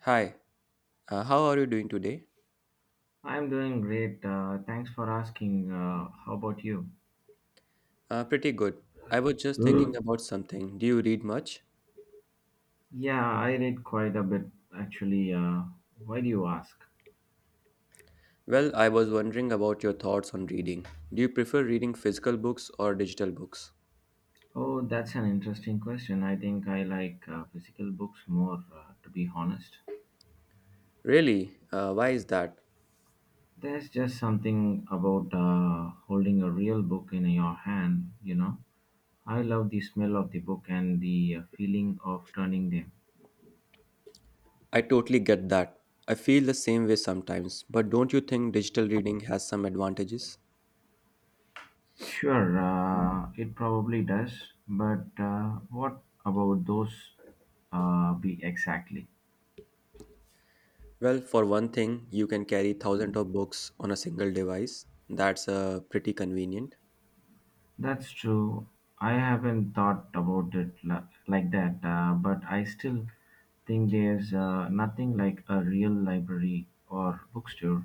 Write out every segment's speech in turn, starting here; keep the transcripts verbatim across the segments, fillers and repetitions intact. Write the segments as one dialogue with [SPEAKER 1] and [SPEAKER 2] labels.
[SPEAKER 1] Hi, uh, how are you doing today?
[SPEAKER 2] I'm doing great. Uh, thanks for asking. Uh, how about you?
[SPEAKER 1] Uh, pretty good. I was just thinking
[SPEAKER 2] Mm.
[SPEAKER 1] about something. Do you read much?
[SPEAKER 2] Yeah, I read quite a bit actually. Uh, why do you ask?
[SPEAKER 1] Well, I was wondering about your thoughts on reading. Do you prefer reading physical books or digital books?
[SPEAKER 2] Oh, that's an interesting question. I think I like uh, physical books more, uh, to be honest.
[SPEAKER 1] Really? Uh, why is that?
[SPEAKER 2] There's just something about uh, holding a real book in your hand, you know. I love the smell of the book and the uh, feeling of turning them.
[SPEAKER 1] I totally get that. I feel the same way sometimes, but don't you think digital reading has some advantages?
[SPEAKER 2] Sure, uh, it probably does, but uh, what about those uh, be exactly?
[SPEAKER 1] Well, for one thing, you can carry thousands of books on a single device. That's uh, pretty convenient.
[SPEAKER 2] That's true. I haven't thought about it la- like that, uh, but I still think there's uh, nothing like a real library or bookstore.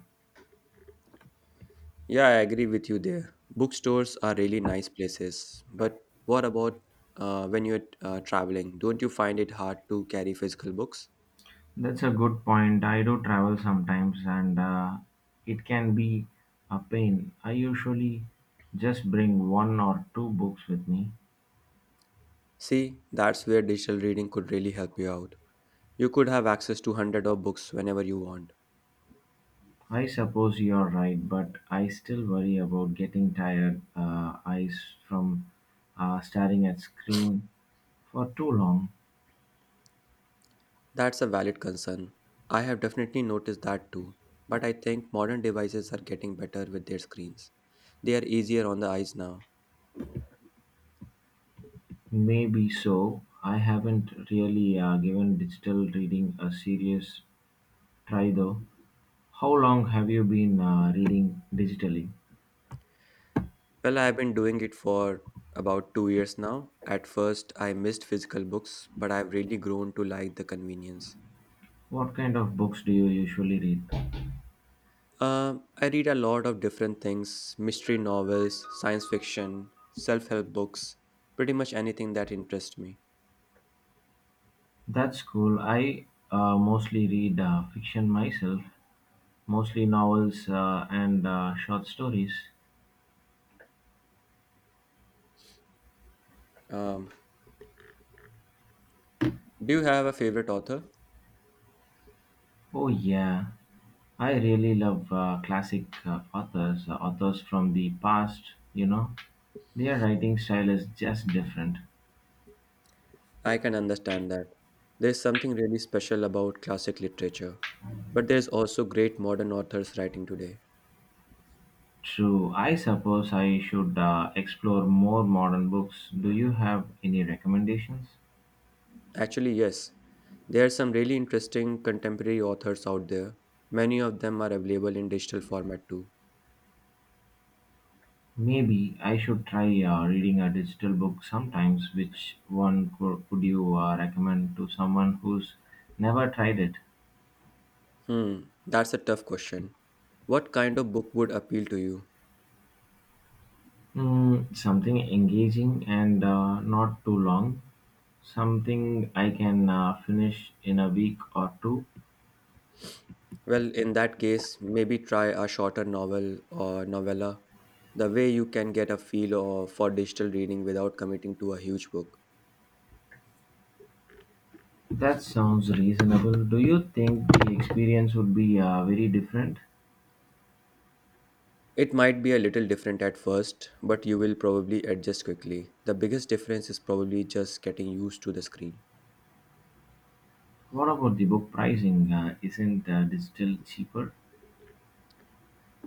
[SPEAKER 1] Yeah, I agree with you there. Bookstores are really nice places, but what about uh, when you're uh, traveling? Don't you find it hard to carry physical books?
[SPEAKER 2] That's a good point. I do travel sometimes and uh, it can be a pain. I usually just bring one or two books with me.
[SPEAKER 1] See, that's where digital reading could really help you out. You could have access to hundred of books whenever you want.
[SPEAKER 2] I suppose you're right, but I still worry about getting tired uh, eyes from uh, staring at screen for too long.
[SPEAKER 1] That's a valid concern. I have definitely noticed that too. But I think modern devices are getting better with their screens. They are easier on the eyes now.
[SPEAKER 2] Maybe so. I haven't really uh, given digital reading a serious try though. How long have you been uh, reading digitally?
[SPEAKER 1] Well, I've been doing it for about two years now. At first, I missed physical books, but I've really grown to like the convenience.
[SPEAKER 2] What kind of books do you usually read?
[SPEAKER 1] Uh, I read a lot of different things, mystery novels, science fiction, self help books, pretty much anything that interests me.
[SPEAKER 2] That's cool. I uh, mostly read uh, fiction myself, mostly novels uh, and uh, short stories.
[SPEAKER 1] Um, do you have a favorite author?
[SPEAKER 2] Oh, yeah. I really love uh, classic uh, authors, uh, authors from the past, you know. Their writing style is just different.
[SPEAKER 1] I can understand that. There's something really special about classic literature, but there's also great modern authors writing today.
[SPEAKER 2] True, I suppose I should uh, explore more modern books. Do you have any recommendations?
[SPEAKER 1] Actually, yes. There are some really interesting contemporary authors out there. Many of them are available in digital format too.
[SPEAKER 2] Maybe I should try uh, reading a digital book sometimes. Which one could, could you uh, recommend to someone who's never tried it?
[SPEAKER 1] Hmm, that's a tough question. What kind of book would appeal to you?
[SPEAKER 2] Mm, something engaging and uh, not too long. Something I can uh, finish in a week or two?
[SPEAKER 1] Well, in that case, maybe try a shorter novel or novella. The way you can get a feel of, for digital reading without committing to a huge book.
[SPEAKER 2] That sounds reasonable. Do you think the experience would be uh, very different?
[SPEAKER 1] It might be a little different at first, but you will probably adjust quickly. The biggest difference is probably just getting used to the screen.
[SPEAKER 2] What about the book pricing? Uh, isn't uh, digital cheaper?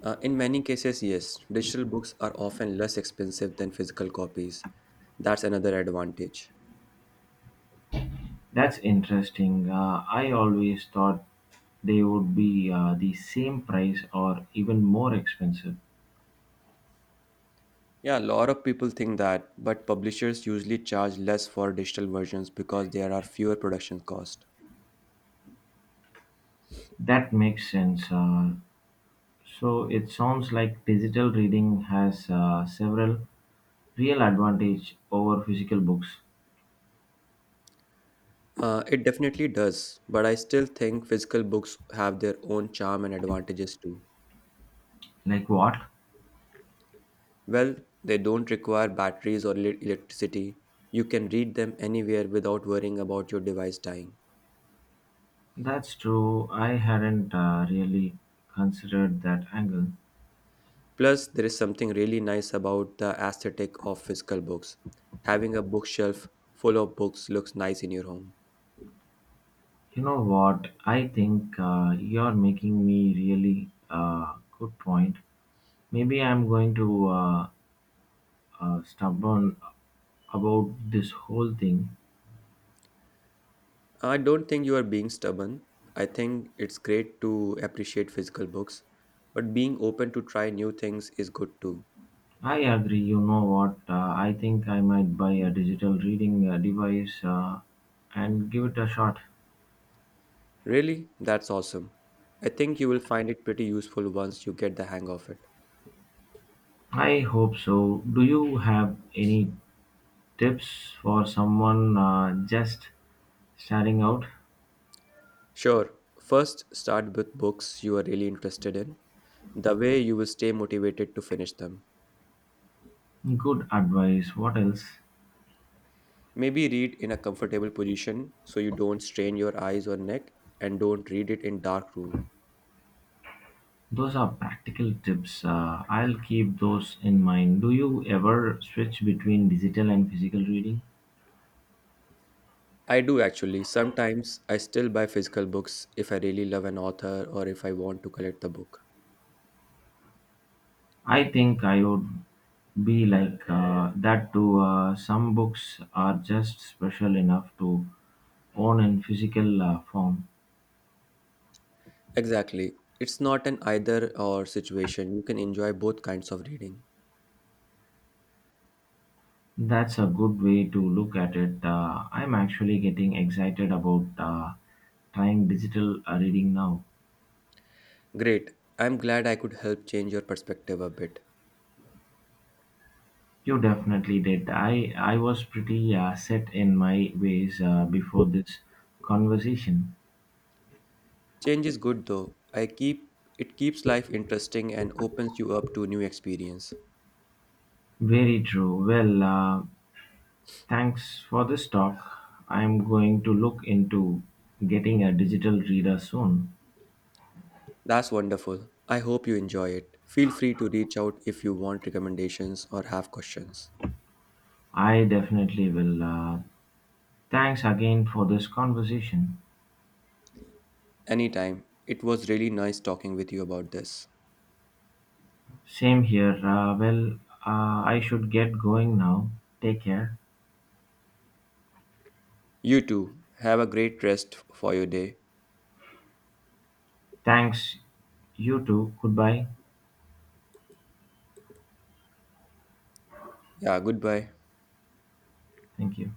[SPEAKER 1] Uh, in many cases, yes, digital books are often less expensive than physical copies. That's another advantage.
[SPEAKER 2] That's interesting. Uh, I always thought they would be uh, the same price or even more expensive.
[SPEAKER 1] Yeah, a lot of people think that, but publishers usually charge less for digital versions because there are fewer production costs.
[SPEAKER 2] That makes sense. Uh, so it sounds like digital reading has uh, several real advantage over physical books.
[SPEAKER 1] Uh, it definitely does, but I still think physical books have their own charm and advantages too.
[SPEAKER 2] Like what?
[SPEAKER 1] Well, they don't require batteries or ele- electricity. You can read them anywhere without worrying about your device dying.
[SPEAKER 2] That's true. I hadn't uh, really considered that angle.
[SPEAKER 1] Plus, there is something really nice about the aesthetic of physical books. Having a bookshelf full of books looks nice in your home.
[SPEAKER 2] You know what? I think uh, you're making me really uh, good point. Maybe I'm going to uh, uh, stubborn about this whole thing.
[SPEAKER 1] I don't think you are being stubborn. I think it's great to appreciate physical books, but being open to try new things is good too.
[SPEAKER 2] I agree. You know what? Uh, I think I might buy a digital reading uh, device uh, and give it a shot.
[SPEAKER 1] Really? That's awesome. I think you will find it pretty useful once you get the hang of it.
[SPEAKER 2] I hope so. Do you have any tips for someone uh, just starting out?
[SPEAKER 1] Sure, first start with books you are really interested in. The way you will stay motivated to finish them.
[SPEAKER 2] Good advice. What else?
[SPEAKER 1] Maybe read in a comfortable position so you don't strain your eyes or neck, and don't read it in dark room.
[SPEAKER 2] Those are practical tips. Uh, I'll keep those in mind. Do you ever switch between digital and physical reading?
[SPEAKER 1] I do actually. Sometimes I still buy physical books if I really love an author or if I want to collect the book.
[SPEAKER 2] I think I would be like uh, that too. Uh, some books are just special enough to own in physical uh, form.
[SPEAKER 1] Exactly. It's not an either or situation. You can enjoy both kinds of reading.
[SPEAKER 2] That's a good way to look at it. Uh, I'm actually getting excited about uh, trying digital uh, reading now.
[SPEAKER 1] Great. I'm glad I could help change your perspective a bit.
[SPEAKER 2] You definitely did. I, I was pretty uh, set in my ways uh, before this conversation.
[SPEAKER 1] Change is good though. I keep it keeps life interesting and opens you up to new experience.
[SPEAKER 2] Very true. Well, uh, thanks for this talk. I'm going to look into getting a digital reader soon.
[SPEAKER 1] That's wonderful. I hope you enjoy it. Feel free to reach out if you want recommendations or have questions.
[SPEAKER 2] I definitely will. Uh, thanks again for this conversation.
[SPEAKER 1] Anytime. It was really nice talking with you about this.
[SPEAKER 2] Same here. Uh, well, uh, I should get going now. Take care.
[SPEAKER 1] You too. Have a great rest for your day.
[SPEAKER 2] Thanks. You too. Goodbye.
[SPEAKER 1] Yeah, goodbye.
[SPEAKER 2] Thank you.